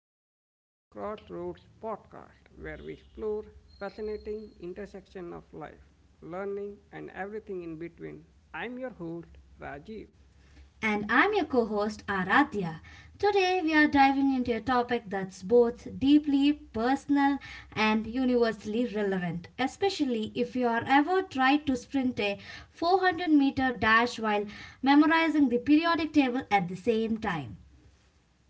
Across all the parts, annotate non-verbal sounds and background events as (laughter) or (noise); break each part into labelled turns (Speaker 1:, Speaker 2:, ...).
Speaker 1: back to the Crossroads podcast where we explore fascinating intersection of life, learning and everything in between. I'm your host Rajiv.
Speaker 2: And I'm your co host Aradhya. Today we are diving into a topic that's both deeply personal and universally relevant, especially if you are ever tried to sprint a 400-meter dash while memorizing the periodic table at the same time.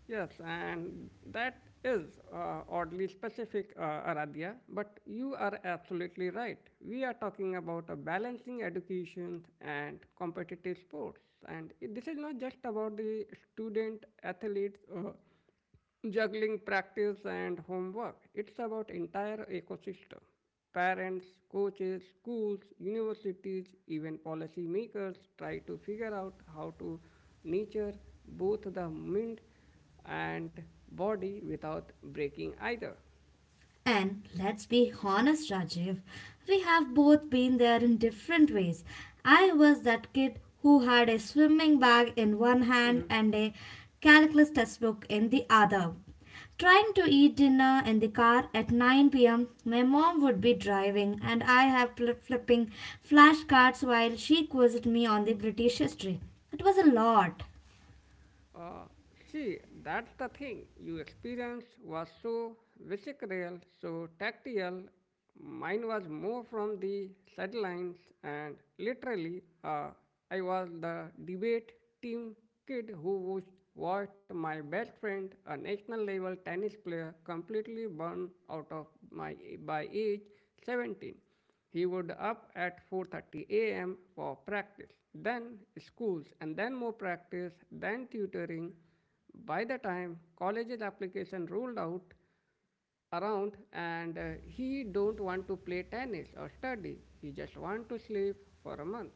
Speaker 1: Yes, and that is oddly specific Aradhya, but you are absolutely right. We are talking about a balancing education and competitive sports and this is not just about the student athletes juggling practice and homework. It's about entire ecosystem. Parents, coaches, schools, universities, even policymakers try to figure out how to nurture both the mind and body without breaking either.
Speaker 2: And let's be honest, Rajiv, we have both been there in different ways. I was that kid who had a swimming bag in one hand and a calculus textbook in the other. Trying to eat dinner in the car at 9 p.m., my mom would be driving and I have flipping flashcards while she quizzed me on the British history. It was a lot.
Speaker 1: Uh, see, that's the thing. You experience was so visceral, so tactile. Mine was more from the sidelines, and literally, I was the debate team kid watched my best friend, a national level tennis player, completely burn out of my by age 17. He would up at 4:30 a.m. for practice, then schools, and then more practice, then tutoring. By the time college's application ruled out around and he don't want to play tennis or study. He just want to sleep for a month.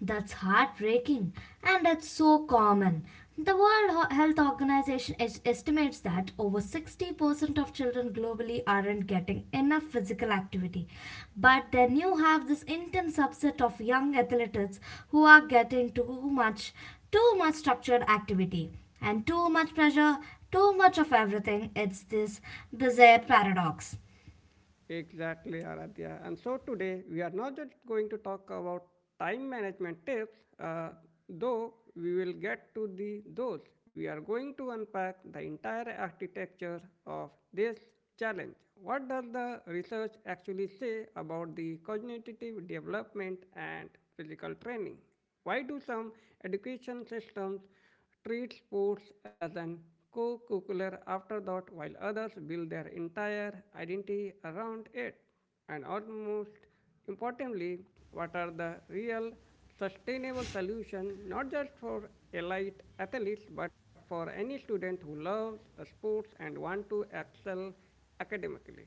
Speaker 2: That's heartbreaking and it's so common. The World Health Organization estimates that over 60% of children globally aren't getting enough physical activity. But then you have this intense subset of young athletes who are getting too much structured activity and too much pressure, too much of everything. It's this bizarre paradox.
Speaker 1: Exactly, Aradhya. And so today we are not just going to talk about time management tips, though we will get to the those. We are going to unpack the entire architecture of this challenge. What does the research actually say about the cognitive development and physical training? Why do some education systems treat sports as an co-curricular afterthought while others build their entire identity around it. And almost importantly, what are the real sustainable solution not just for elite athletes but for any student who loves sports and want to excel academically.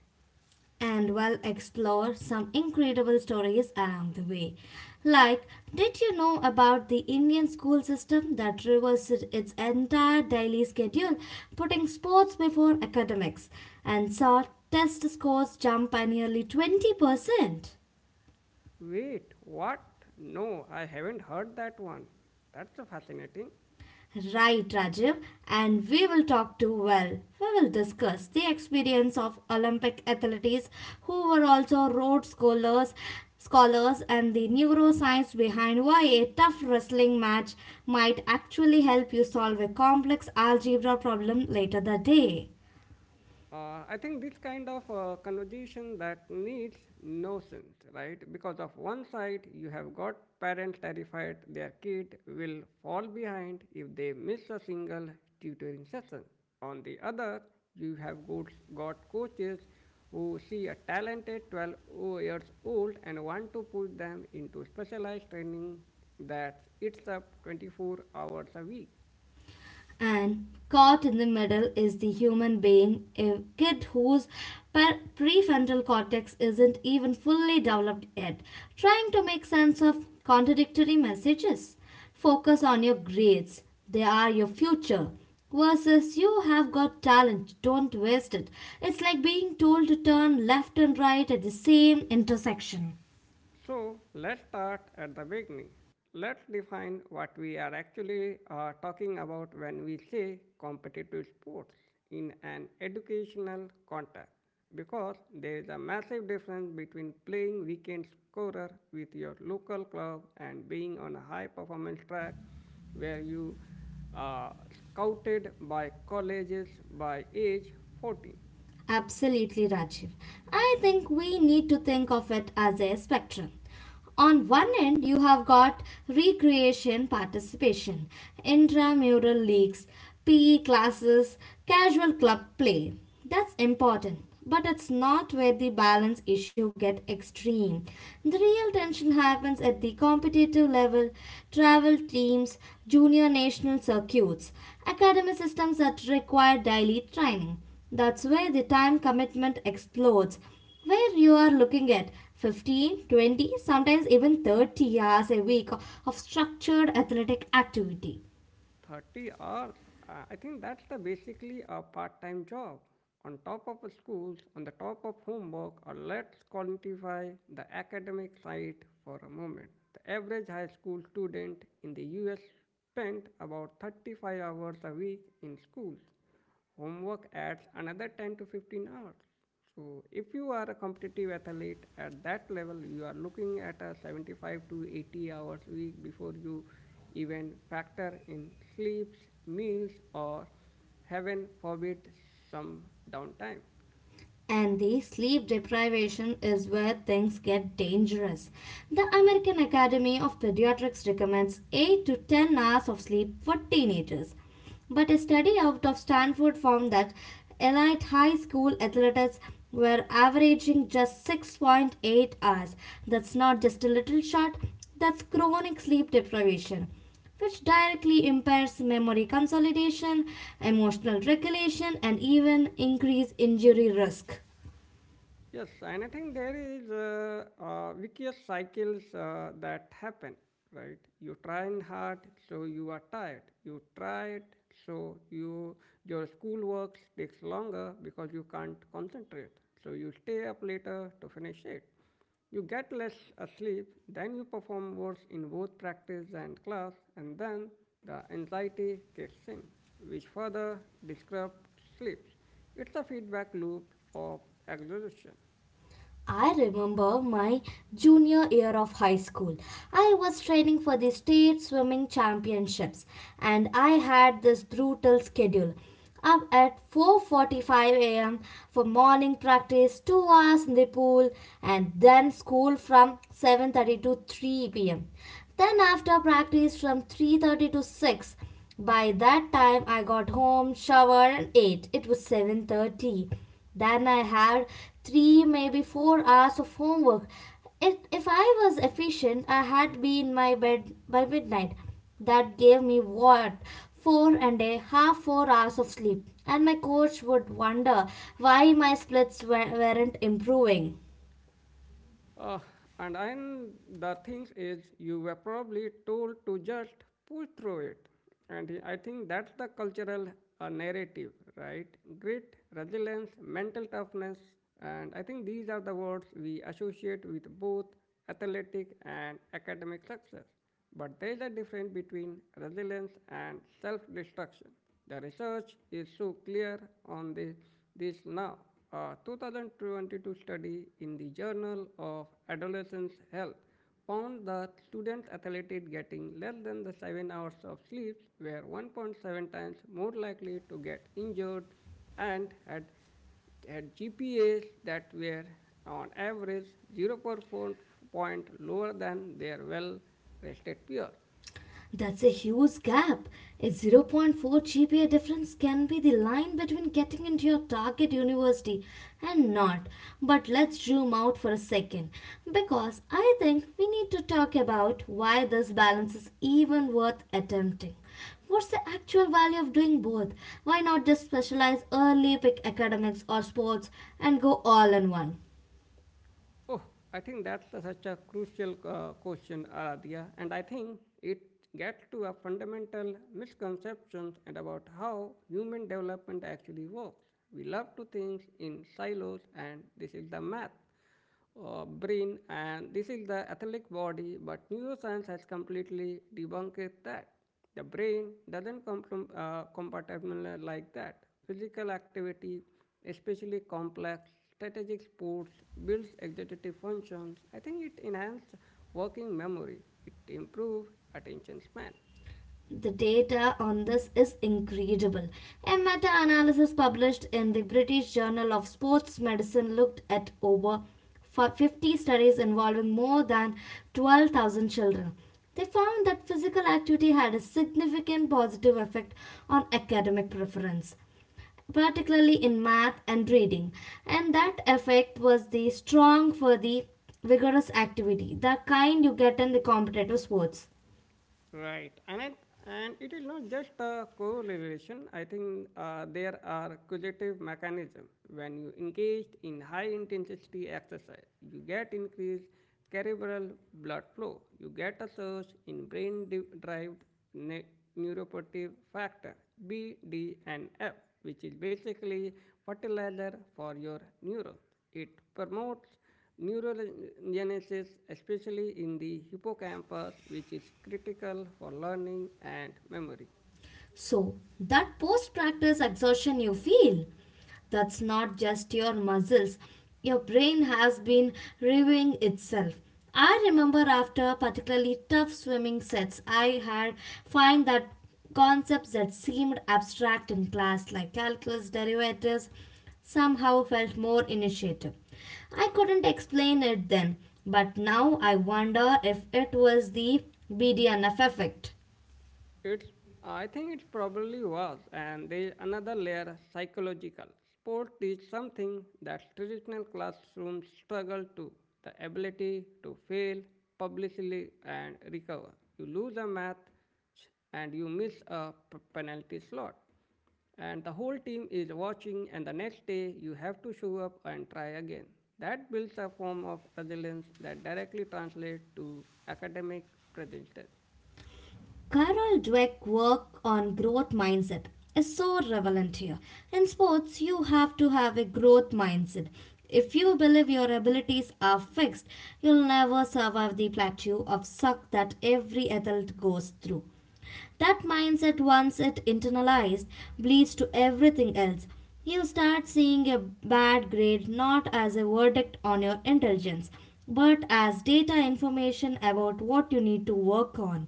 Speaker 2: And we'll explore some incredible stories along the way. Like, did you know about the Indian school system that reversed its entire daily schedule, putting sports before academics, and saw test scores jump by nearly 20%?
Speaker 1: Wait, what? No, I haven't heard that one. That's fascinating.
Speaker 2: Right, Rajiv, and we will talk to well. We will discuss the experience of Olympic athletes who were also Rhodes scholars, and the neuroscience behind why a tough wrestling match might actually help you solve a complex algebra problem later that day.
Speaker 1: I think this kind of conversation that needs no sense, right? Because of one side, you have got parents terrified their kid will fall behind if they miss a single tutoring session. On the other, you have got coaches who see a talented 12 years old and want to push them into specialized training that eats up 24 hours a week.
Speaker 2: And caught in the middle is the human being, a kid whose prefrontal cortex isn't even fully developed yet, trying to make sense of contradictory messages. Focus on your grades, they are your future. Versus, you have got talent, don't waste it. It's like being told to turn left and right at the same intersection.
Speaker 1: So let's start at the beginning. Let's define what we are actually talking about when we say competitive sports in an educational context, because there is a massive difference between playing weekend scorer with your local club and being on a high performance track where you are scouted by colleges by age 14.
Speaker 2: Absolutely, Rajiv. I think we need to think of it as a spectrum. On one end, you have got recreation participation, intramural leagues, PE classes, casual club play. That's important, but it's not where the balance issue get extreme. The real tension happens at the competitive level, travel teams, junior national circuits, academy systems that require daily training. That's where the time commitment explodes, where you are looking at 15, 20, sometimes even 30 hours a week of structured athletic activity.
Speaker 1: 30 hours. I think that's the basically a part-time job. On top of schools, on the top of homework, or let's quantify the academic side for a moment. The average high school student in the US spent about 35 hours a week in schools homework adds another 10 to 15 hours. So, if you are a competitive athlete at that level, you are looking at a 75 to 80 hours week before you even factor in sleeps, meals, or heaven forbid, some downtime.
Speaker 2: And the sleep deprivation is where things get dangerous. The American Academy of Pediatrics recommends 8 to 10 hours of sleep for teenagers. But a study out of Stanford found that elite high school athletes were averaging just 6.8 hours. That's not just a little short, that's chronic sleep deprivation which directly impairs memory consolidation, emotional regulation, and even increase injury risk.
Speaker 1: Yes, and I think there is vicious cycles that happen, right? You trying hard, so you are tired. You try it, so you your schoolwork takes longer because you can't concentrate. So you stay up later to finish it. You get less sleep, then you perform worse in both practice and class, and then the anxiety kicks in, which further disrupts sleep. It's a feedback loop of exhaustion.
Speaker 2: I remember my junior year of high school. I was training for the state swimming championships and I had this brutal schedule. Up at 4:45 a.m. for morning practice, 2 hours in the pool, and then school from 7:30 to 3 p.m. Then after practice from 3:30 to 6. By that time I got home, showered and ate. It was 7:30. Then I had 3 maybe 4 hours of homework. If I was efficient, I had been in my bed by midnight. That gave me what? Four and a half, 4 hours of sleep. And my coach would wonder why my splits weren't improving.
Speaker 1: Uh, and then the thing is, you were probably told to just push through it. And I think that's the cultural narrative, right? Grit, resilience, mental toughness. And I think these are the words we associate with both athletic and academic success. But there is a difference between resilience and self destruction. The research is so clear on this, this now. A 2022 study in the Journal of Adolescent Health found that students athletes getting less than the 7 hours of sleep were 1.7 times more likely to get injured and had GPAs that were on average 0 0.4 point lower than their well-rested peers.
Speaker 2: That's a huge gap. A 0.4 GPA difference can be the line between getting into your target university and not. But let's zoom out for a second because I think we need to talk about why this balance is even worth attempting. What's the actual value of doing both? Why not just specialize early, pick academics or sports, and go all in one?
Speaker 1: Oh, I think that's such a crucial question, Aradhya, and I think it gets to a fundamental misconception and about how human development actually works. We love to think in silos, and this is the math, brain, and this is the athletic body, but neuroscience has completely debunked that. The brain doesn't come from compartment like that. Physical activity, especially complex strategic sports, builds executive functions. I think it enhances working memory. It improves attention span.
Speaker 2: The data on this is incredible. A meta analysis published in the British Journal of Sports Medicine looked at over 50 studies involving more than 12,000 children. They found that physical activity had a significant positive effect on academic preference, particularly in math and reading. And that effect was the strong for the vigorous activity, the kind you get in the competitive sports.
Speaker 1: Right, and it is not just a correlation. I think there are causative mechanism. When you engaged in high intensity exercise, you get increased cerebral blood flow. You get a surge in brain derived ne- neuroprotective factor BDNF, which is basically fertilizer for your neurons. It promotes Neural genesis, especially in the hippocampus, which is critical for learning and memory.
Speaker 2: So, that post practice exertion you feel, that's not just your muscles. Your brain has been reviewing itself. I remember after particularly tough swimming sets, I had find that concepts that seemed abstract in class, like calculus derivatives, somehow felt more initiative. I couldn't explain it then, but now I wonder if it was the BDNF effect.
Speaker 1: It's I think it probably was, and there is another layer psychological. Sport is something that traditional classrooms struggle to the ability to fail publicly and recover. You lose a math and you miss a penalty slot. And the whole team is watching, and the next day you have to show up and try again. That builds a form of resilience that directly translates to academic presence.
Speaker 2: Carol Dweck's work on growth mindset is so relevant here. In sports, you have to have a growth mindset. If you believe your abilities are fixed, you'll never survive the plateau of suck that every adult goes through. That mindset, once it internalized, bleeds to everything else. You start seeing a bad grade not as a verdict on your intelligence, but as data information about what you need to work on.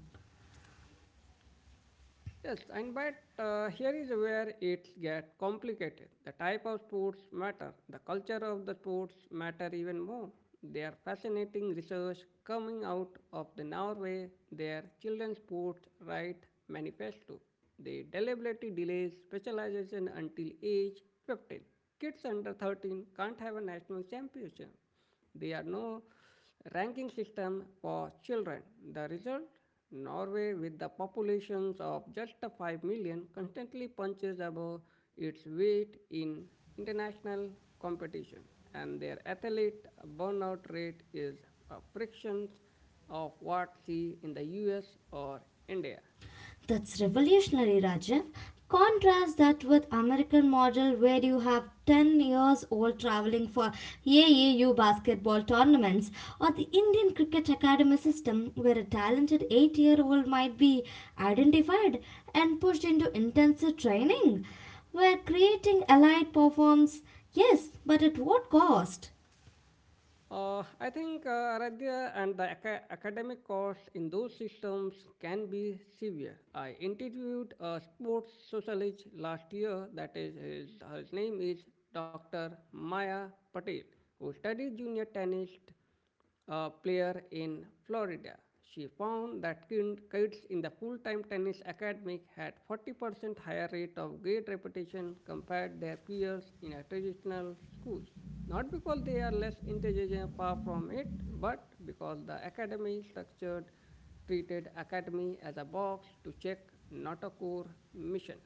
Speaker 1: Yes, and but here is where it gets complicated. The type of sports matter. The culture of the sports matter even more. There are fascinating research coming out of the Norway, their children's sports right manifesto. They deliberately delay specialization until age 15. Kids under 13 can't have a national championship. They are no ranking system for children. The result? Norway, with the populations of just 5 million, constantly punches above its weight in international competition, and their athlete burnout rate is a fraction of what see in the US or India.
Speaker 2: That's revolutionary, Rajiv. Contrast that with American model where you have 10 years old traveling for AAU basketball tournaments or the Indian Cricket Academy system where a talented 8-year-old might be identified and pushed into intensive training where creating elite performs, yes, but at what cost?
Speaker 1: I think Aradhya and the academic costs in those systems can be severe. I interviewed a sports sociologist last year, that is, his, her name is Dr. Maya Patel, who studies junior tennis player in Florida. She found that kids in the full-time tennis academy had 40% higher rate of grade repetition compared their peers in a traditional schools. Not because they are less intelligent, far from it, but because the academy structured treated academy as a box to check, not a core mission.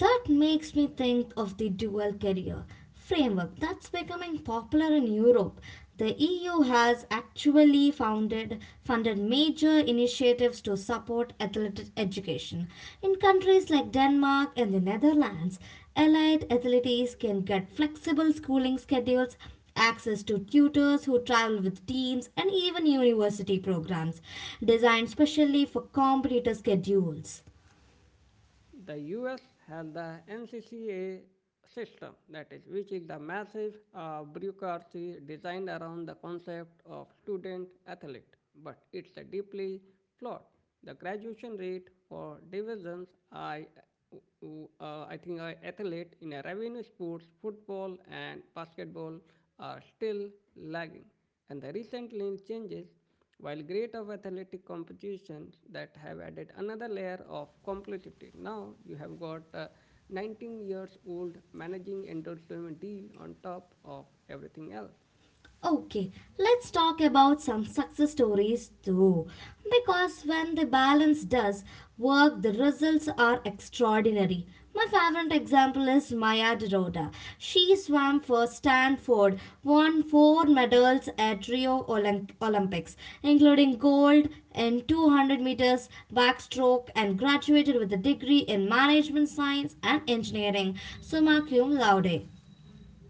Speaker 2: That makes me think of the dual career framework that's becoming popular in Europe. The EU has actually founded funded major initiatives to support athletic education. In countries like Denmark and the Netherlands, allied athletes can get flexible schooling schedules, access to tutors who travel with teams, and even university programs designed specially for competitor schedules.
Speaker 1: The US has the NCCA system, that is, which is the massive bureaucracy designed around the concept of student athlete, but it's a deeply flawed. The graduation rate for divisions uh, I think I athlete in a revenue sports, football and basketball are still lagging, and the recent changes while great of athletic competition that have added another layer of complexity. Now you have got a 19 years old managing endorsement deal on top of everything else.
Speaker 2: Okay, let's talk about some success stories too. Because when the balance does work, the results are extraordinary. My favorite example is Maya Dorota. She swam for Stanford, won four medals at Rio Olympics, including gold in 200 meters backstroke, and graduated with a degree in management science and engineering, summa cum laude.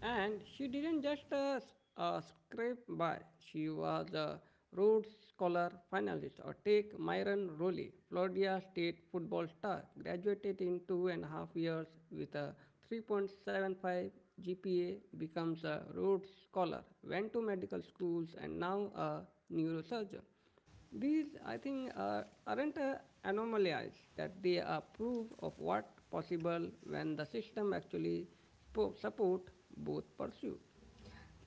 Speaker 1: And she didn't just scrape by, she was a Rhodes Scholar finalist. Or take Myron Rowley, Florida State football star, graduated in 2.5 years with a 3.75 GPA, becomes a Rhodes Scholar, went to medical schools, and now a neurosurgeon. These, I think, aren't anomalies that they are proof of what possible when the system actually support both pursuit.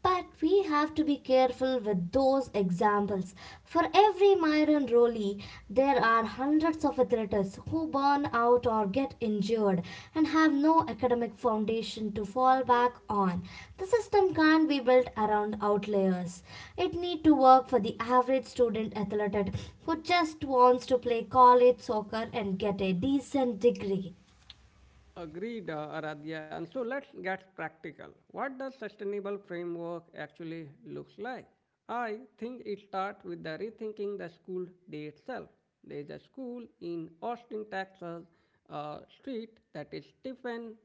Speaker 2: But we have to be careful with those examples. For every Myron Rowley, there are hundreds of athletes who burn out or get injured and have no academic foundation to fall back on. The system can't be built around outliers. It need to work for the average student athlete who just wants to play college soccer and get a decent degree.
Speaker 1: Agreed, Aradhya. And so let's get practical. What does sustainable framework actually looks like? I think it starts with the rethinking the school day itself. There is a school in Austin, Texas, a street that is Stephen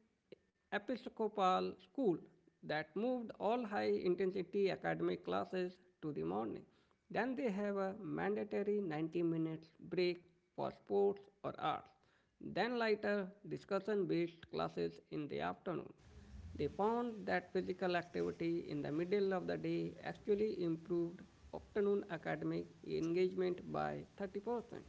Speaker 1: Episcopal school that moved all high intensity academic classes to the morning. Then they have a mandatory 90 minutes break for sports or arts. Then later discussion based classes in the afternoon. They found that physical activity in the middle of the day actually improved afternoon academic engagement by 30%.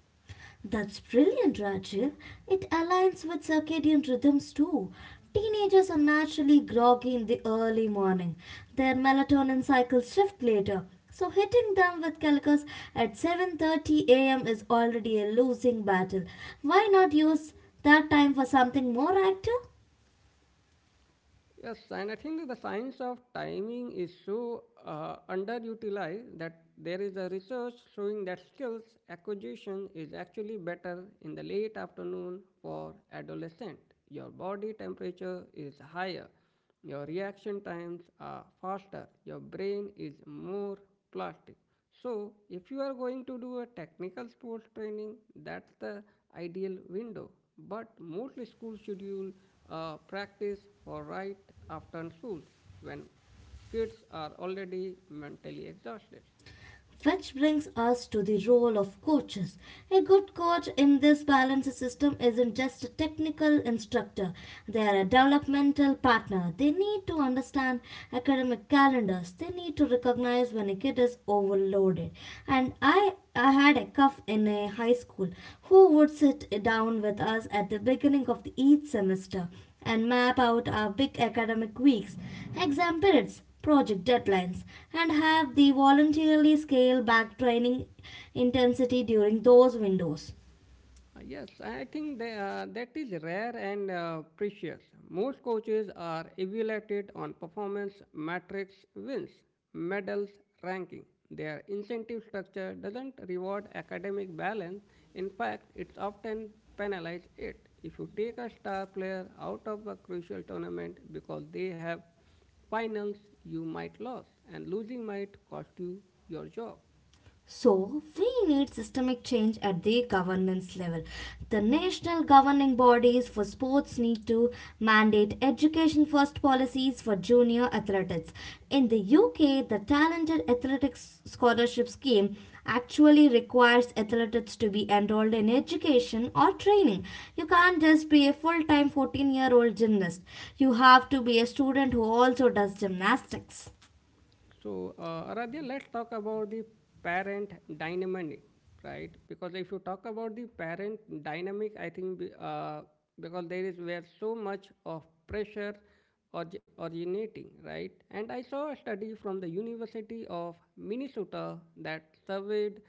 Speaker 2: That's brilliant, Rajiv. It aligns with circadian rhythms too. Teenagers are naturally groggy in the early morning. Their melatonin cycles shift later. So hitting them with calculus at 7:30 a.m. is already a losing battle. Why not use that time for something more active?
Speaker 1: Yes, and I think that the science of timing is so underutilized that there is a research showing that skills acquisition is actually better in the late afternoon for adolescent. Your body temperature is higher, your reaction times are faster, your brain is more plastic. So, if you are going to do a technical sports training, that's the ideal window. But mostly schools schedule practice for right after schools when kids are already mentally exhausted.
Speaker 2: Which brings us to the role of coaches. A good coach in this balance system isn't just a technical instructor, they are a developmental partner. They need to understand academic calendars, they need to recognize when a kid is overloaded. And I had a cuff in a high school who would sit down with us at the beginning of the each semester and map out our big academic weeks, exam periods, project deadlines, and have the voluntarily scale back training intensity during those windows.
Speaker 1: Yes, I think that is rare and precious. Most coaches are evaluated on performance metrics, wins, medals, ranking. Their incentive structure doesn't reward academic balance. In fact, it's often penalizes it. If you take a star player out of a crucial tournament because they have finals, you might lose, and losing might cost you your job.
Speaker 2: So, we need systemic change at the governance level. The national governing bodies for sports need to mandate education first policies for junior athletics. In the UK, the Talented Athletics Scholarship Scheme actually requires athletes to be enrolled in education or training. You can't just be a full time 14-year-old gymnast, you have to be a student who also does gymnastics.
Speaker 1: So, Aradhya, let's talk about the parent dynamic, right? Because if you talk about the parent dynamic, I think because there is where so much of pressure originating, right? And I saw a study from the University of Minnesota that surveyed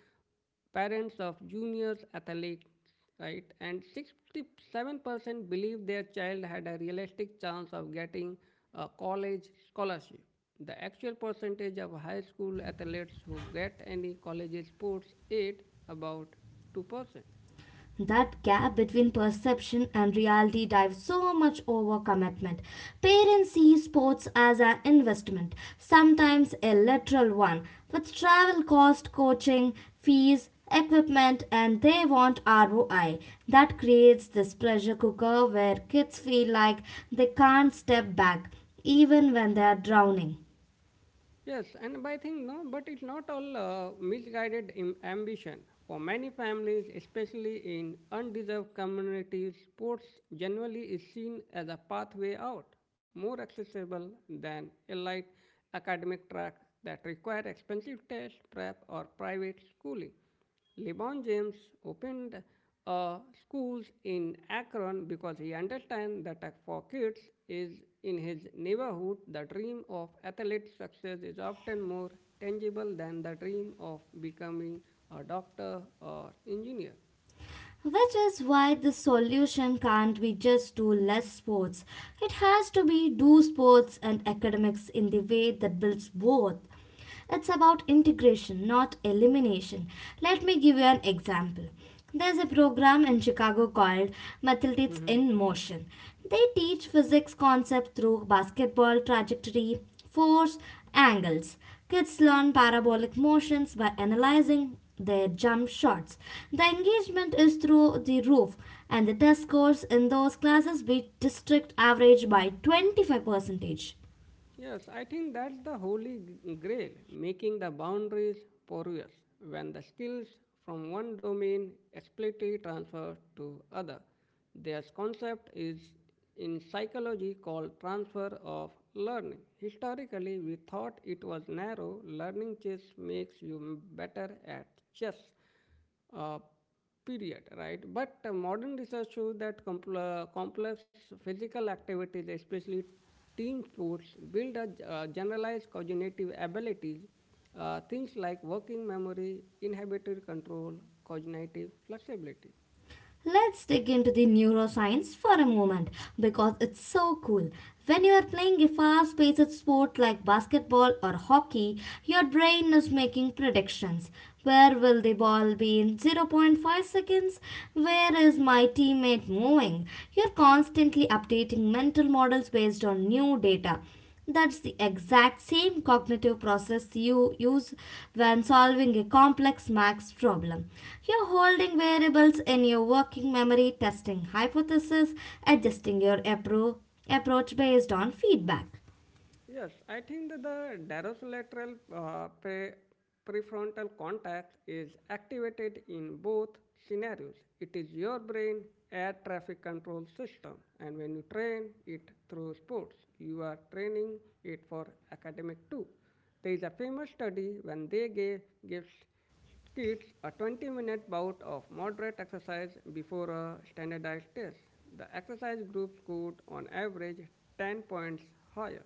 Speaker 1: parents of juniors athletes, right? And 67% believe their child had a realistic chance of getting a college scholarship. The actual percentage of high school athletes who get any college sports aid about 2%.
Speaker 2: That gap between perception and reality drives so much overcommitment. Parents see sports as an investment, sometimes a literal one, with travel cost, coaching, fees, equipment, and they want ROI. That creates this pressure cooker where kids feel like they can't step back, even when they are drowning.
Speaker 1: Yes, and but I think no, but it's not all ambition. For many families, especially in undeserved communities, sports generally is seen as a pathway out, more accessible than a light academic track that require expensive tests, prep, or private schooling. LeBron James opened a school in Akron because he understands that for kids is in his neighborhood, the dream of athletic success is often more tangible than the dream of becoming a doctor or engineer.
Speaker 2: Which is why the solution can't be just do less sports. It has to be do sports and academics in the way that builds both. It's about integration, not elimination. Let me give you an example. There's a program in Chicago called Mathematics in
Speaker 1: (laughs)
Speaker 2: Motion. They teach physics concept through basketball trajectory, force angles. Kids learn parabolic motions by analyzing their jump shots. The engagement is through the roof, and the test scores in those classes beat district average by 25 percentage.
Speaker 1: Yes, I think that's the grail, making the boundaries porous when the skills from one domain explicitly transfer to other. This concept is in psychology called transfer of learning. Historically, we thought it was narrow, learning chess makes you better at chess uh, period, right? But modern research shows that complex physical activities, especially team sports, build a generalized cognitive abilities, things like working memory, inhibitory control, cognitive flexibility.
Speaker 2: Let's dig into the neuroscience for a moment because it's so cool. When you are playing a fast paced sport like basketball or hockey, your brain is making predictions. Where will the ball be in 0.5 seconds? Where is my teammate moving? You're constantly updating mental models based on new data. That's the exact same cognitive process you use when solving a complex maths problem. You're holding variables in your working memory, testing hypotheses, adjusting your approach based on feedback.
Speaker 1: Yes, I think that the dorsolateral prefrontal cortex is activated in both scenarios. It is your brain air traffic control system, and when you train it through sports, you are training it for academic too. There is a famous study when they gave gives kids a 20-minute bout of moderate exercise before a standardized test. The exercise group scored on average 10 points higher.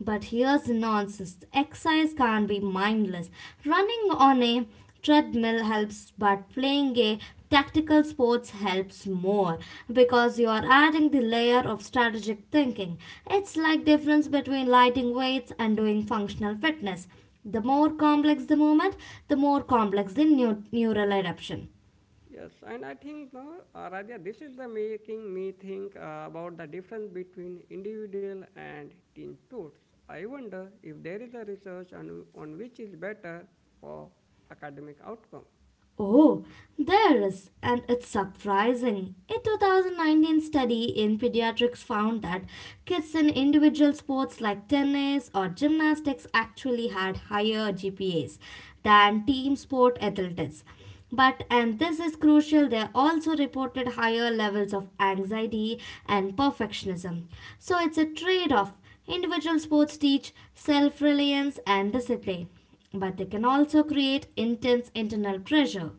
Speaker 2: But here's nonsense exercise can't be mindless. Running on a treadmill helps, but playing a tactical sports helps more because you are adding the layer of strategic thinking. It's like difference between lighting weights and doing functional fitness. The more complex the movement, the more complex the neural adaptation.
Speaker 1: Yes, and I think, no, Radhya, this is the making me think about the difference between individual and team sports. I wonder if there is a research on which is better for academic outcome.
Speaker 2: Oh, there is, and it's surprising. A 2019 study in pediatrics found that kids in individual sports like tennis or gymnastics actually had higher GPAs than team sport athletes. But, and this is crucial, they also reported higher levels of anxiety and perfectionism. So, it's a trade off. Individual sports teach self reliance and discipline but they can also create intense internal pressure.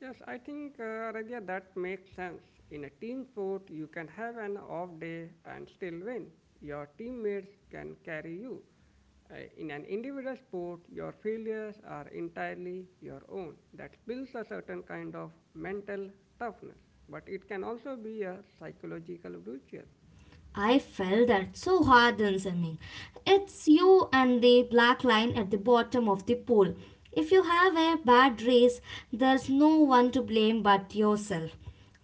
Speaker 1: Yes, I think, Radhya, that makes sense. In a team sport, you can have an off day and still win. Your teammates can carry you. In an individual sport, your failures are entirely your own. That builds a certain kind of mental toughness, but it can also be a psychological brutal.
Speaker 2: I felt that so hard in swimming. It's you and the black line at the bottom of the pool. If you have a bad race, there's no one to blame but yourself.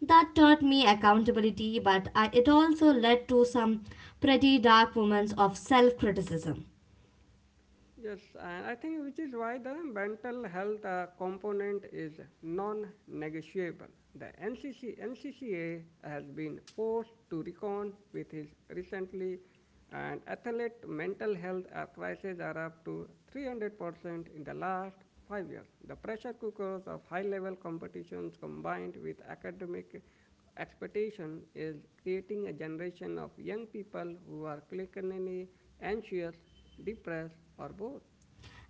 Speaker 2: That taught me accountability, but it also led to some pretty dark moments of self criticism.
Speaker 1: Yes, and I think which is why the mental health component is non-negotiable. The NCCA has been forced to recon with his recently, and athlete mental health crises are up to 300% in the last 5 years. The pressure cookers of high-level competitions combined with academic expectation is creating a generation of young people who are clinically anxious depressed, or both.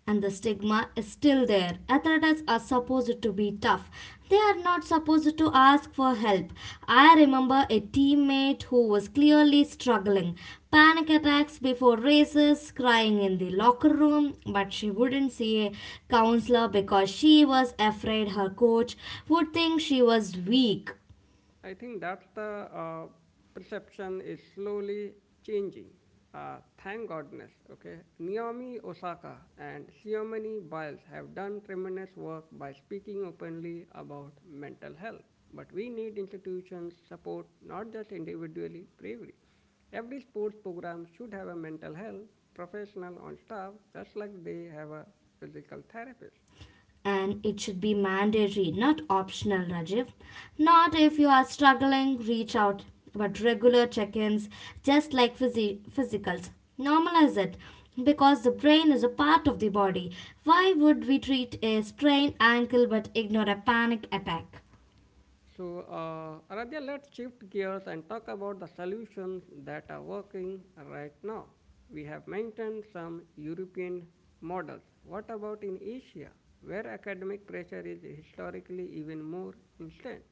Speaker 2: And the stigma is still there. Athletes are supposed to be tough. They are not supposed to ask for help. I remember a teammate who was clearly struggling. Panic attacks before races, crying in the locker room, but she wouldn't see a counselor because she was afraid her coach would think she was weak.
Speaker 1: I think that's the perception is slowly changing. Uh, Thank goodness. Okay, Naomi Osaka and Xiomani Biles have done tremendous work by speaking openly about mental health. But we need institutions support not just individually bravery. Every sports program should have a mental health professional on staff, just like they have a physical therapist.
Speaker 2: And it should be mandatory, not optional, Rajiv. Not if you are struggling, reach out, but regular check ins, just like physicals. Normalize it because the brain is a part of the body. Why would we treat a sprained ankle but ignore a panic attack?
Speaker 1: So, Aradhya, let's shift gears and talk about the solutions that are working right now. We have mentioned some European models. What about in Asia, where academic pressure is historically even more instant?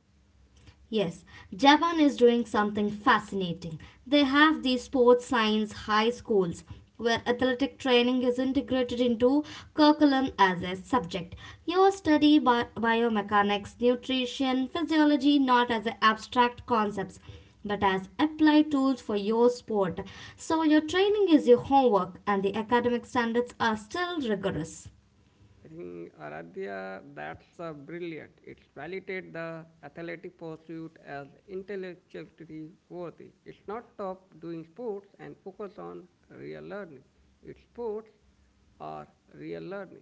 Speaker 2: Yes, Japan is doing something fascinating. They have these sports science high schools where athletic training is integrated into curriculum as a subject. You study biomechanics, nutrition, physiology not as a abstract concepts but as applied tools for your sport. So your training is your homework and the academic standards are still rigorous.
Speaker 1: I think Aradhya, that's brilliant. It's validated the athletic pursuit as intellectually worthy. It's not stop doing sports and focus on real learning. It's sports are real learning.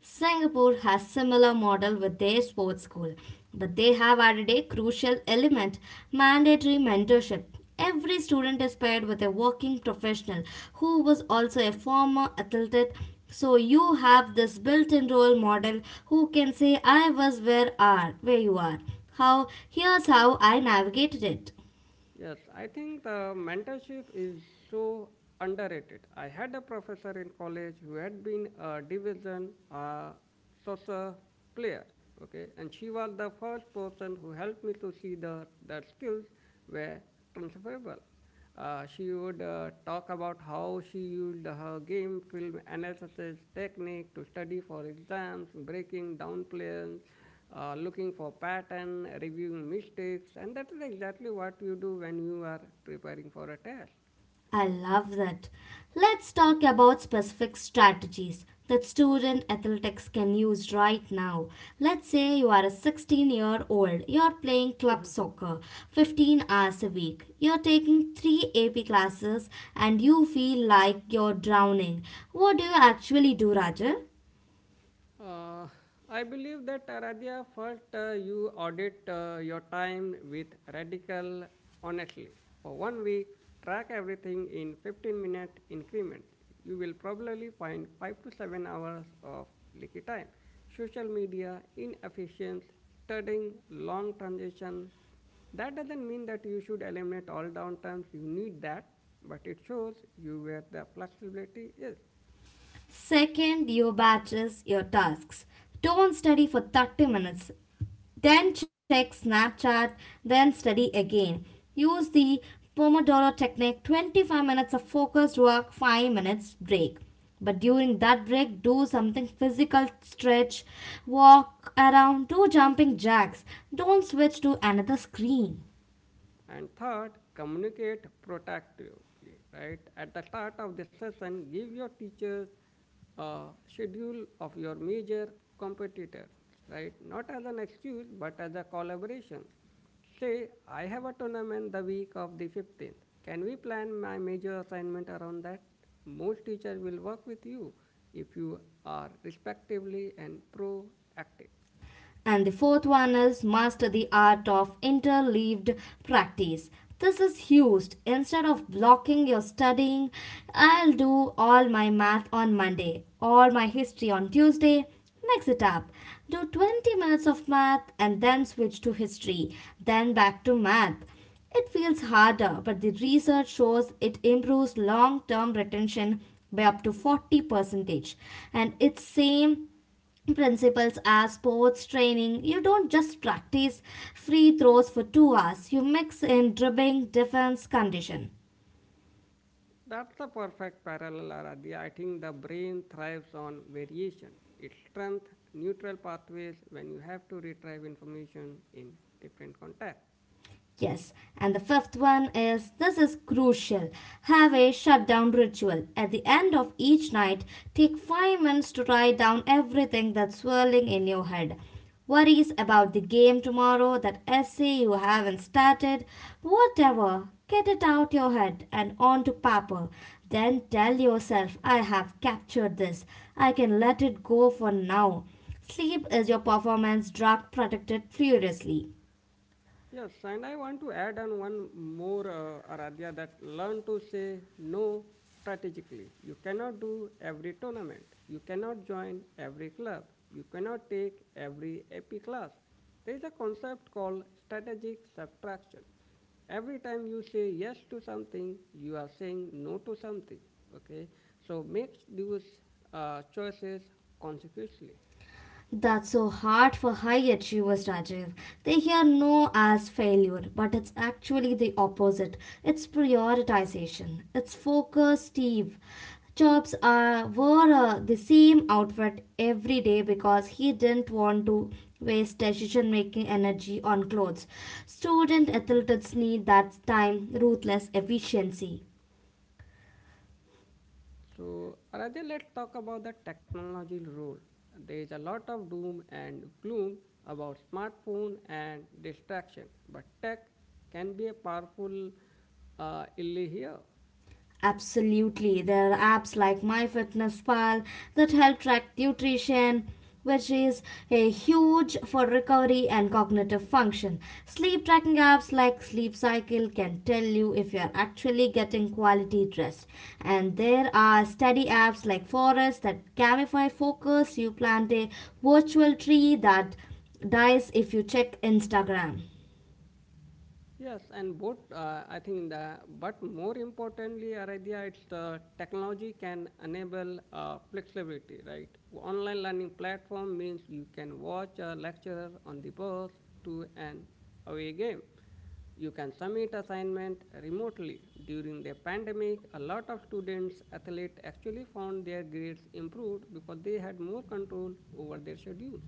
Speaker 2: Singapore has similar model with their sports school, but they have added a crucial element, mandatory mentorship. Every student is paired with a working professional who was also a former athlete. So you have this built-in role model who can say I was where you are. How here's how I navigated it.
Speaker 1: Yes, I think the mentorship is so underrated. I had a professor in college who had been a division soccer player, okay, and she was the first person who helped me to see the that skills were transferable. She would talk about how she used her game film analysis technique to study for exams, breaking down plans, looking for pattern, reviewing mistakes, and that is exactly what you do when you are preparing for a test.
Speaker 2: I love that. Let's talk about specific strategies that student athletics can use right now. Let's say you are a 16-year-old, you're playing club soccer 15 hours a week, you're taking 3 AP classes, and you feel like you're drowning. What do you actually do, Raja?
Speaker 1: Uh, I believe that Radhya first you audit your time with Radical honestly. For 1 week, track everything in 15-minute increments. You will probably find 5 to 7 hours of leaky time. Social media, inefficient, studying, long transition. That doesn't mean that you should eliminate all downtimes. You need that, but it shows you where the flexibility is.
Speaker 2: Second, your batches, your tasks. Don't study for 30 minutes. Then check Snapchat, then study again. Use the Pomodoro technique 25 minutes of focused work, 5 minutes break. But during that break, do something physical stretch, walk around, do jumping jacks. Don't switch to another screen.
Speaker 1: And third, communicate proactively, right? At the start of the session, give your teachers a schedule of your major competitors, right? Not as an excuse, but as a collaboration. Say, I have a tournament the week of the 15th. Can we plan my major assignment around that? Most teachers will work with you if you are respectively and proactive.
Speaker 2: And the fourth one is master the art of interleaved practice. This is used instead of blocking your studying. I'll do all my math on Monday, all my history on Tuesday. Mix it up. Do 20 minutes of math and then switch to history, then back to math. It feels harder, but the research shows it improves long-term retention by up to 40 percentage, and it's same principles as sports training you don't just practice free throws for 2 hours you mix in dribbling defense condition.
Speaker 1: That's the perfect parallel, Aradhya. I think the brain thrives on variation. It strengthens neutral pathways when you have to retrieve information in different contexts.
Speaker 2: Yes, and the fifth one is this is crucial. Have a shutdown ritual. At the end of each night, take 5 minutes to write down everything that's swirling in your head. Worries about the game tomorrow, that essay you haven't started, whatever. Get it out your head and on to paper. Then tell yourself, I have captured this. I can let it go for now. Sleep is your performance drug protected furiously.
Speaker 1: Yes, and I want to add on one more, Aradhya, that learn to say no strategically. You cannot do every tournament, you cannot join every club, you cannot take every AP class. There is a concept called strategic subtraction. Every time you say yes to something, you are saying no to something. Okay, so make those choices consequently.
Speaker 2: That's so hard for high achievers, Rajiv. They hear no as failure, but it's actually the opposite. It's prioritization. It's focus, Steve. Jobs wore the same outfit every day because he didn't want to waste decision making energy on clothes. Student athletes need that time, ruthless efficiency.
Speaker 1: So, Aradhya, let's talk about the technology role. There is a lot of doom and gloom about smartphone and distraction, but tech can be a powerful ally here.
Speaker 2: Absolutely. There are apps like MyFitnessPal that help track nutrition, which is a huge for recovery and cognitive function. Sleep tracking apps like Sleep Cycle can tell you if you're actually getting quality rest. And there are study apps like Forest that gamify focus. You plant a virtual tree that dies if you check Instagram.
Speaker 1: Yes, and both, I think, the, but more importantly, Aradhya, it's the technology can enable flexibility, right? Online learning platform means you can watch a lecturer on the bus to an away game. You can submit assignment remotely. During the pandemic, a lot of students, athletes actually found their grades improved because they had more control over their schedules.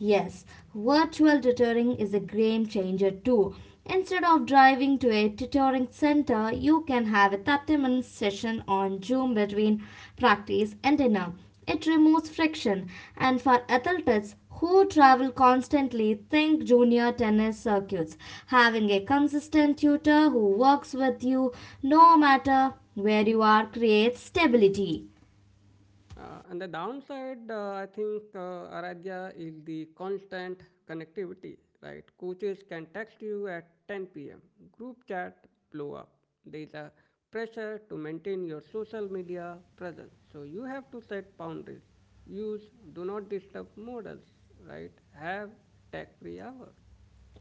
Speaker 2: Yes, virtual tutoring is a game changer too. Instead of driving to a tutoring center, you can have a 30-minute session on Zoom between practice and dinner. It removes friction, and for athletes who travel constantly, think junior tennis circuits. Having a consistent tutor who works with you no matter where you are creates stability.
Speaker 1: And the downside, Aradhya, is the constant connectivity, right? Coaches can text you at 10 p.m., group chat blow up. There's a pressure to maintain your social media presence. So you have to set boundaries. Use do not disturb models, right? Have tech free hours.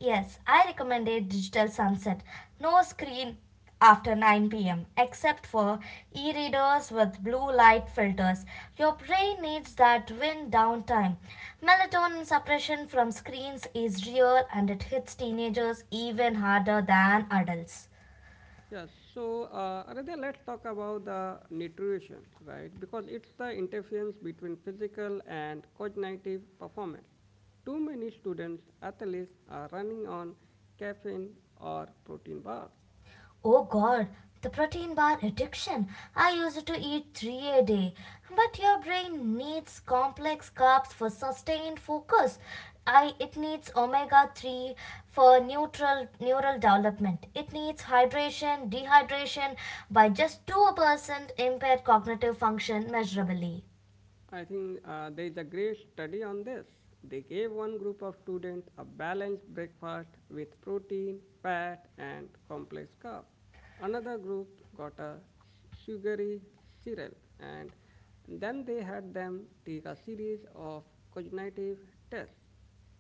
Speaker 2: Yes, I recommend a digital sunset. No screen after 9 p.m. except for e readers with blue light filters. Your brain needs that wind down time. Melatonin suppression from screens is real and it hits teenagers even harder than adults.
Speaker 1: Yes, so Aradhya, let's talk about the nutrition, right? Because it's the interference between physical and cognitive performance. Too many students, athletes, are running on caffeine or protein bars.
Speaker 2: Oh god, the protein bar addiction. I used to eat three a day. But your brain needs complex carbs for sustained focus. It needs omega 3 for neutral neural development. It needs hydration, dehydration by just 2% impaired cognitive function measurably.
Speaker 1: I think there is a great study on this. They gave one group of students a balanced breakfast with protein, fat, and complex carbs. Another group got a sugary cereal, and then they had them take a series of cognitive tests.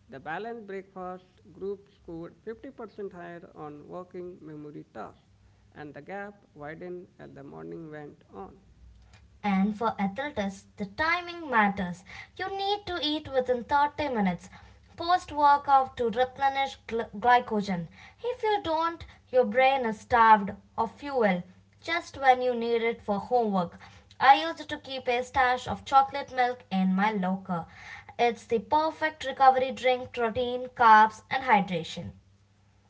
Speaker 1: The balanced breakfast group scored 50% higher on working memory tasks, and the gap widened as the morning went on.
Speaker 2: And for athletes, the timing matters. You need to eat within 30 minutes post workout to replenish glycogen. If you don't, your brain is starved of fuel just when you need it for homework. I used to keep a stash of chocolate milk in my locker. It's the perfect recovery drink, protein, carbs, and hydration.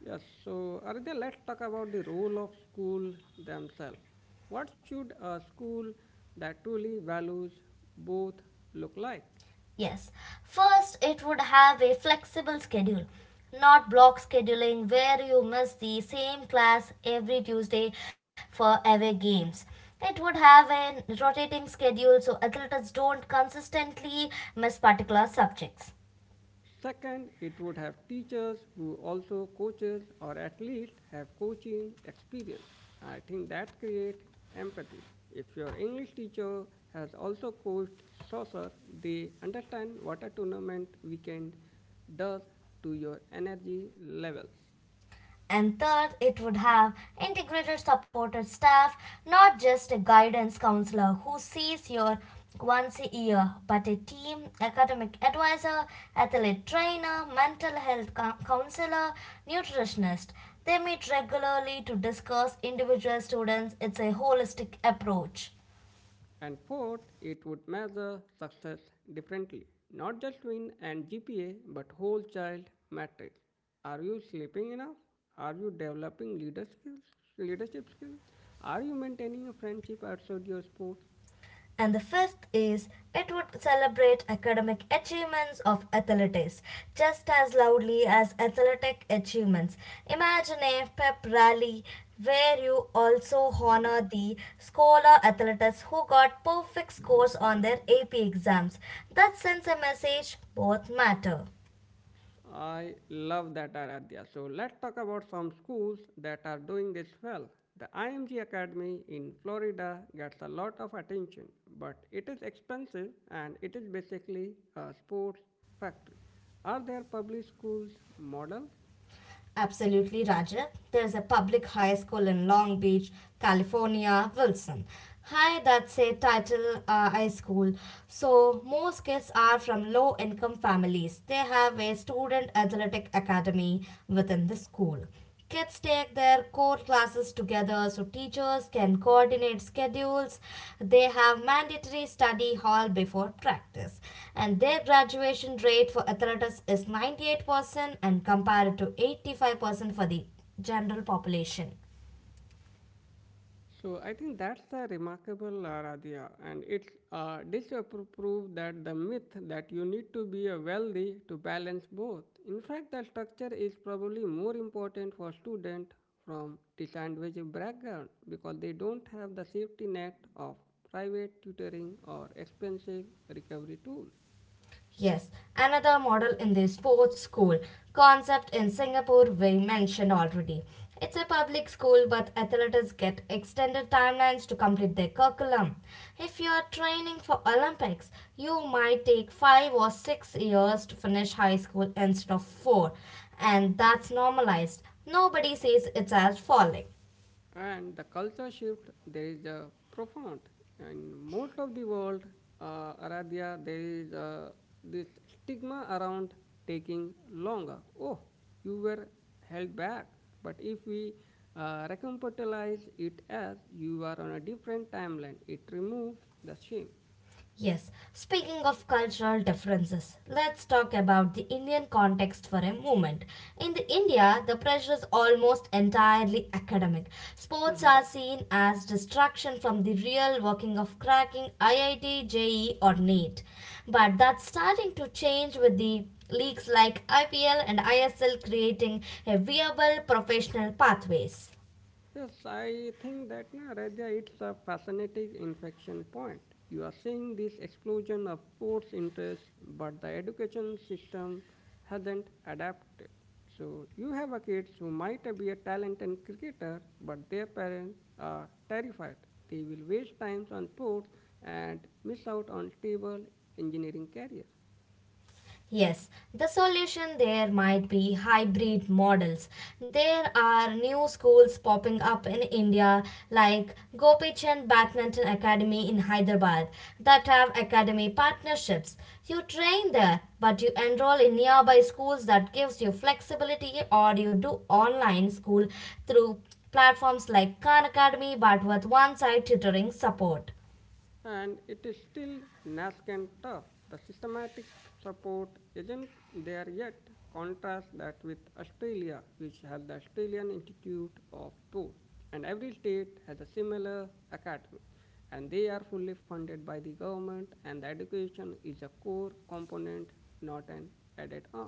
Speaker 1: Yes, so Aridya, let's talk about the role of school themselves. What should a school that truly values both look like?
Speaker 2: Yes. First, it would have a flexible schedule, not block scheduling where you miss the same class every Tuesday for away games. It would have a rotating schedule so athletes don't consistently miss particular subjects.
Speaker 1: Second, it would have teachers who also coaches or at least have coaching experience. I think that creates empathy. If your English teacher has also coached soccer, they understand what a tournament weekend does to your energy levels.
Speaker 2: And third, it would have integrated supported staff, not just a guidance counselor who sees you once a year, but a team, academic advisor, athlete trainer, mental health counselor, nutritionist. They meet regularly to discuss individual students. It's a holistic approach.
Speaker 1: And fourth, it would measure success differently, not just win and GPA, but whole child metrics. Are you sleeping enough? Are you developing leadership skills? Are you maintaining a friendship outside your sports?
Speaker 2: And the fifth is it would celebrate academic achievements of athletes just as loudly as athletic achievements. Imagine a pep rally where you also honor the scholar athletes who got perfect scores on their AP exams. That sends a message both matter.
Speaker 1: I love that, Aradhya. So let's talk about some schools that are doing this well. The IMG Academy in Florida gets a lot of attention, but it is expensive and it is basically a sports factory. Are there public schools models?
Speaker 2: Absolutely, Raja. There's a public high school in Long Beach, California, Wilson. Hi, that's a title high school. So, most kids are from low income families. They have a student athletic academy within the school. Kids take their core classes together so teachers can coordinate schedules. They have mandatory study hall before practice. And their graduation rate for athletics is 98% and compared to 85% for the general population.
Speaker 1: So I think that's a remarkable Radhya, and it's disapprove that the myth that you need to be a wealthy to balance both. In fact, the structure is probably more important for students from disadvantaged background because they don't have the safety net of private tutoring or expensive recovery tools.
Speaker 2: Yes, another model in the sports school concept in Singapore we mentioned already. It's a public school, but athletes get extended timelines to complete their curriculum. If you are training for Olympics, you might take 5 or 6 years to finish high school instead of four, and that's normalized. Nobody says it's as falling.
Speaker 1: And the culture shift there is a profound in most of the world, Aradhya, there is this stigma around taking longer. Oh, you were held back, but if we recompartmentalize it as you are on a different timeline, it removes the shame.
Speaker 2: Yes, speaking of cultural differences, let's talk about the Indian context for a moment. In the India, the pressure is almost entirely academic. Sports are seen as distraction from the real working of cracking IIT, JE or NEET. But that's starting to change with the leagues like IPL and ISL creating a viable professional pathways.
Speaker 1: Yes, I think that na, Radha, it's a fascinating infection point. You are seeing this explosion of sports interest, but the education system hasn't adapted. So you have a kids who might be a talented cricketer, but their parents are terrified. They will waste time on sports and miss out on stable engineering career.
Speaker 2: Yes, the solution there might be hybrid models. There are new schools popping up in India like Gopi Chand Badminton Academy in Hyderabad that have academy partnerships. You train there, but you enroll in nearby schools that gives you flexibility or you do online school through platforms like Khan Academy but with one-side tutoring support.
Speaker 1: And it is still nascent tough. The systematic support isn't there yet. Contrast that with Australia, which has the Australian Institute of Sport, and every state has a similar academy, and they are fully funded by the government, and the education is a core component, not an added on.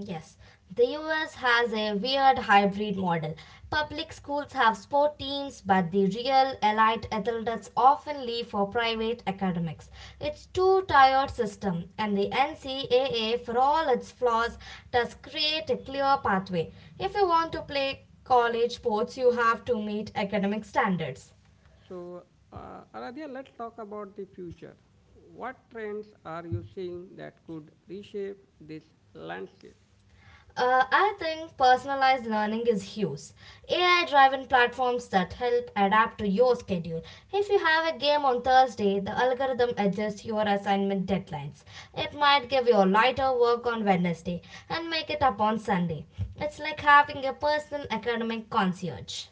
Speaker 2: Yes, the US has a weird hybrid model. Public schools have sport teams, but the real elite athletes often leave for private academics. It's too tired system, and the NCAA, for all its flaws, does create a clear pathway. If you want to play college sports, you have to meet academic standards.
Speaker 1: So, Aradhya, let's talk about the future. What trends are you seeing that could reshape this landscape?
Speaker 2: I think personalized learning is huge. AI driven platforms that help adapt to your schedule. If you have a game on Thursday, the algorithm adjusts your assignment deadlines. It might give you lighter work on Wednesday and make it up on Sunday. It's like having a personal academic concierge.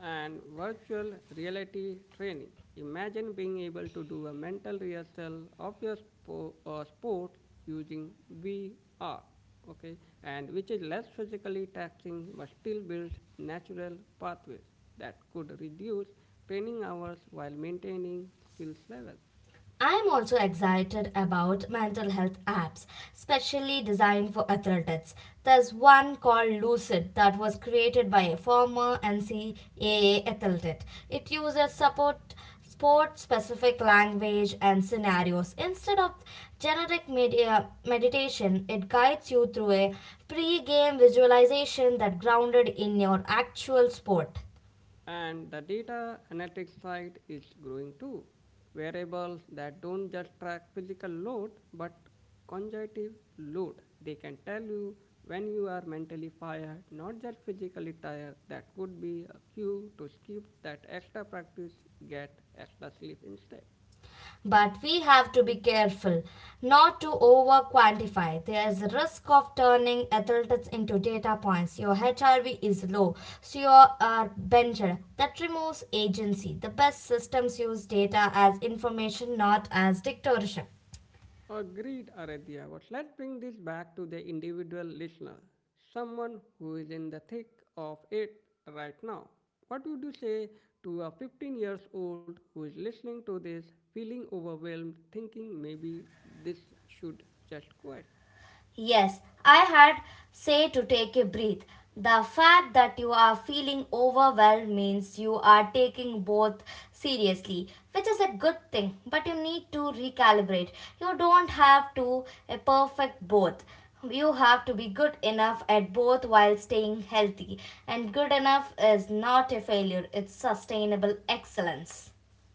Speaker 1: And virtual reality training. Imagine being able to do a mental rehearsal of your sport using VR, okay, and which is less physically taxing but still builds natural pathways that could reduce training hours while maintaining skills levels.
Speaker 2: I'm also excited about mental health apps, specially designed for athletes. There's one called Lucid that was created by a former NCAA athlete. It uses support sport specific language and scenarios instead of generic media meditation it guides you through a pre-game visualization that grounded in your actual sport.
Speaker 1: And the data analytics side is growing too. Variables that don't just track physical load but cognitive load. They can tell you when you are mentally fired, not just physically tired. That could be a cue to skip that extra practice, get extra sleep instead.
Speaker 2: But we have to be careful not to over quantify. There is a risk of turning athletes into data points. Your HRV is low, so you are benched. That removes agency. The best systems use data as information, not as dictatorship.
Speaker 1: Agreed, Aradhya, but let's bring this back to the individual listener, someone who is in the thick of it right now. What would you say to a 15 years old who is listening to this, feeling overwhelmed, thinking maybe this should just quit?
Speaker 2: Yes, I had say to take a breath. The fact that you are feeling overwhelmed means you are taking both seriously, which is a good thing, but you need to recalibrate. You don't have to a perfect both. You have to be good enough at both while staying healthy, and good enough is not a failure, it's sustainable excellence.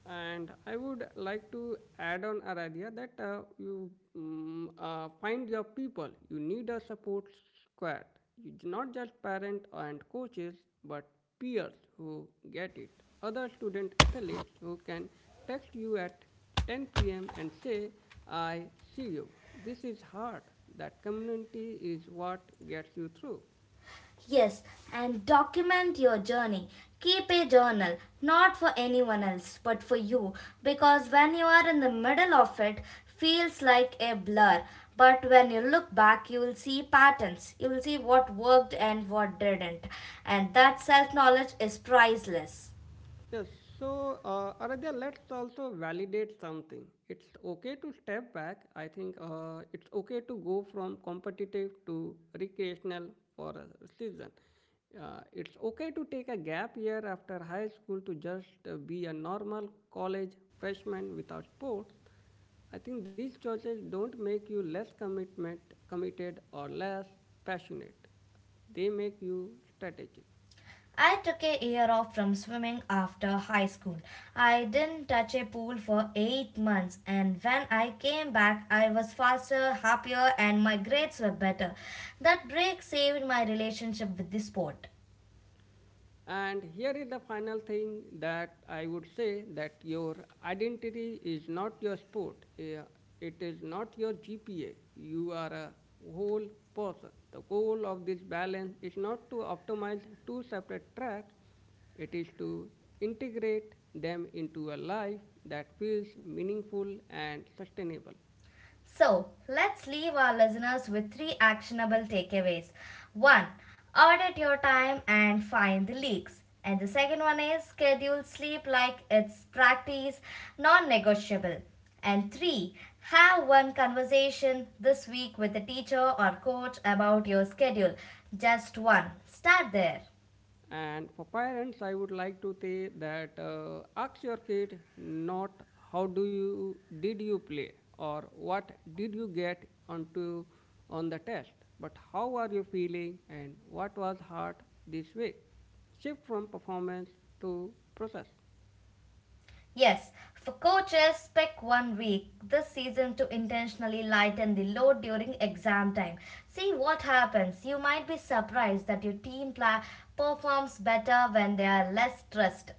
Speaker 1: And I would like to add on, Aradhya, that find your people. You need a support squad. Not just parents and coaches, but peers who get it. Other student athletes who can text you at 10 p.m. and say, I see you. This is hard. That community is what gets you through.
Speaker 2: Yes, and document your journey. Keep a journal, not for anyone else, but for you, because when you are in the middle of it, feels like a blur. But when you look back, you will see patterns. You will see what worked and what didn't. And that self knowledge is priceless.
Speaker 1: Yes, so Aradhya, let's also validate something. It's okay to step back. I think it's okay to go from competitive to recreational for a season. It's okay to take a gap year after high school to just be a normal college freshman without sports. I think these choices don't make you committed or less passionate. They make you strategic.
Speaker 2: I took a year off from swimming after high school. I didn't touch a pool for 8 months and when I came back I was faster, happier and my grades were better. That break saved my relationship with the sport.
Speaker 1: And here is the final thing that I would say that your identity is not your sport. It is not your GPA. You are a whole person. The goal of this balance is not to optimize two separate tracks, it is to integrate them into a life that feels meaningful and sustainable.
Speaker 2: So, let's leave our listeners with three actionable takeaways. One, audit your time and find the leaks. And the second one is schedule sleep like it's practice, non negotiable. And three, have one conversation this week with a teacher or coach about your schedule. Just one. Start there.
Speaker 1: And for parents, I would like to say that ask your kid not how do you did you play or what did you get onto on the test, but how are you feeling and what was hard this week. Shift from performance to process.
Speaker 2: Yes, for coaches, pick one week this season to intentionally lighten the load during exam time. See what happens. You might be surprised that your team performs better when they are less stressed.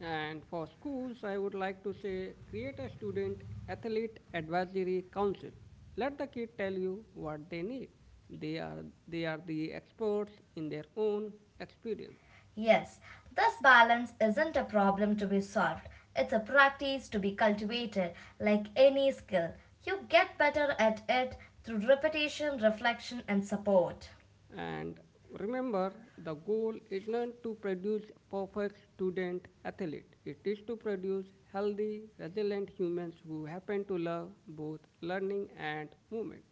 Speaker 1: And for schools, I would like to say create a student athlete advisory council. Let the kid tell you what they need. They are the experts in their own experience.
Speaker 2: Yes, this balance isn't a problem to be solved. It's a practice to be cultivated, like any skill. You get better at it through repetition, reflection, and support.
Speaker 1: And remember, the goal is not to produce perfect student athlete. It is to produce healthy, resilient humans who happen to love both learning and movement.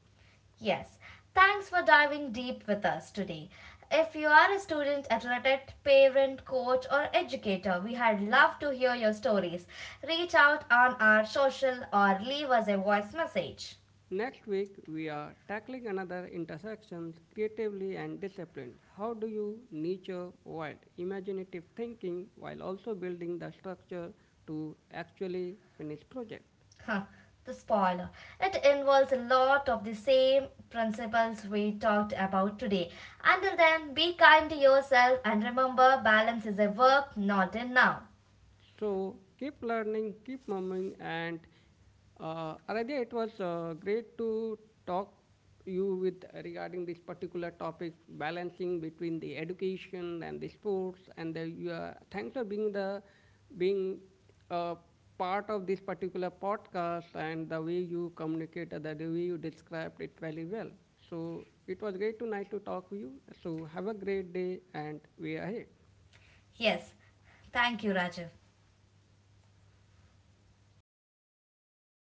Speaker 2: Yes, thanks for diving deep with us today. If you are a student, athlete, parent, coach, or educator, we had love to hear your stories. Reach out on our social or leave us a voice message.
Speaker 1: Next week, we are tackling another intersection creatively and disciplined. How do you nurture wild, imaginative thinking while also building the structure to actually finish project?
Speaker 2: Huh, the spoiler. It involves a lot of the same principles we talked about today. Until then, be kind to yourself and remember balance is a verb, not a noun.
Speaker 1: So keep learning, keep moving, and Aradhya, it was great to talk you with regarding this particular topic, balancing between the education and the sports, and the you, thanks for being a part of this particular podcast and the way you communicate, the way you described it very well. So it was great to nice to talk with you. So have a great day and we are here.
Speaker 2: Yes, thank you, Rajiv.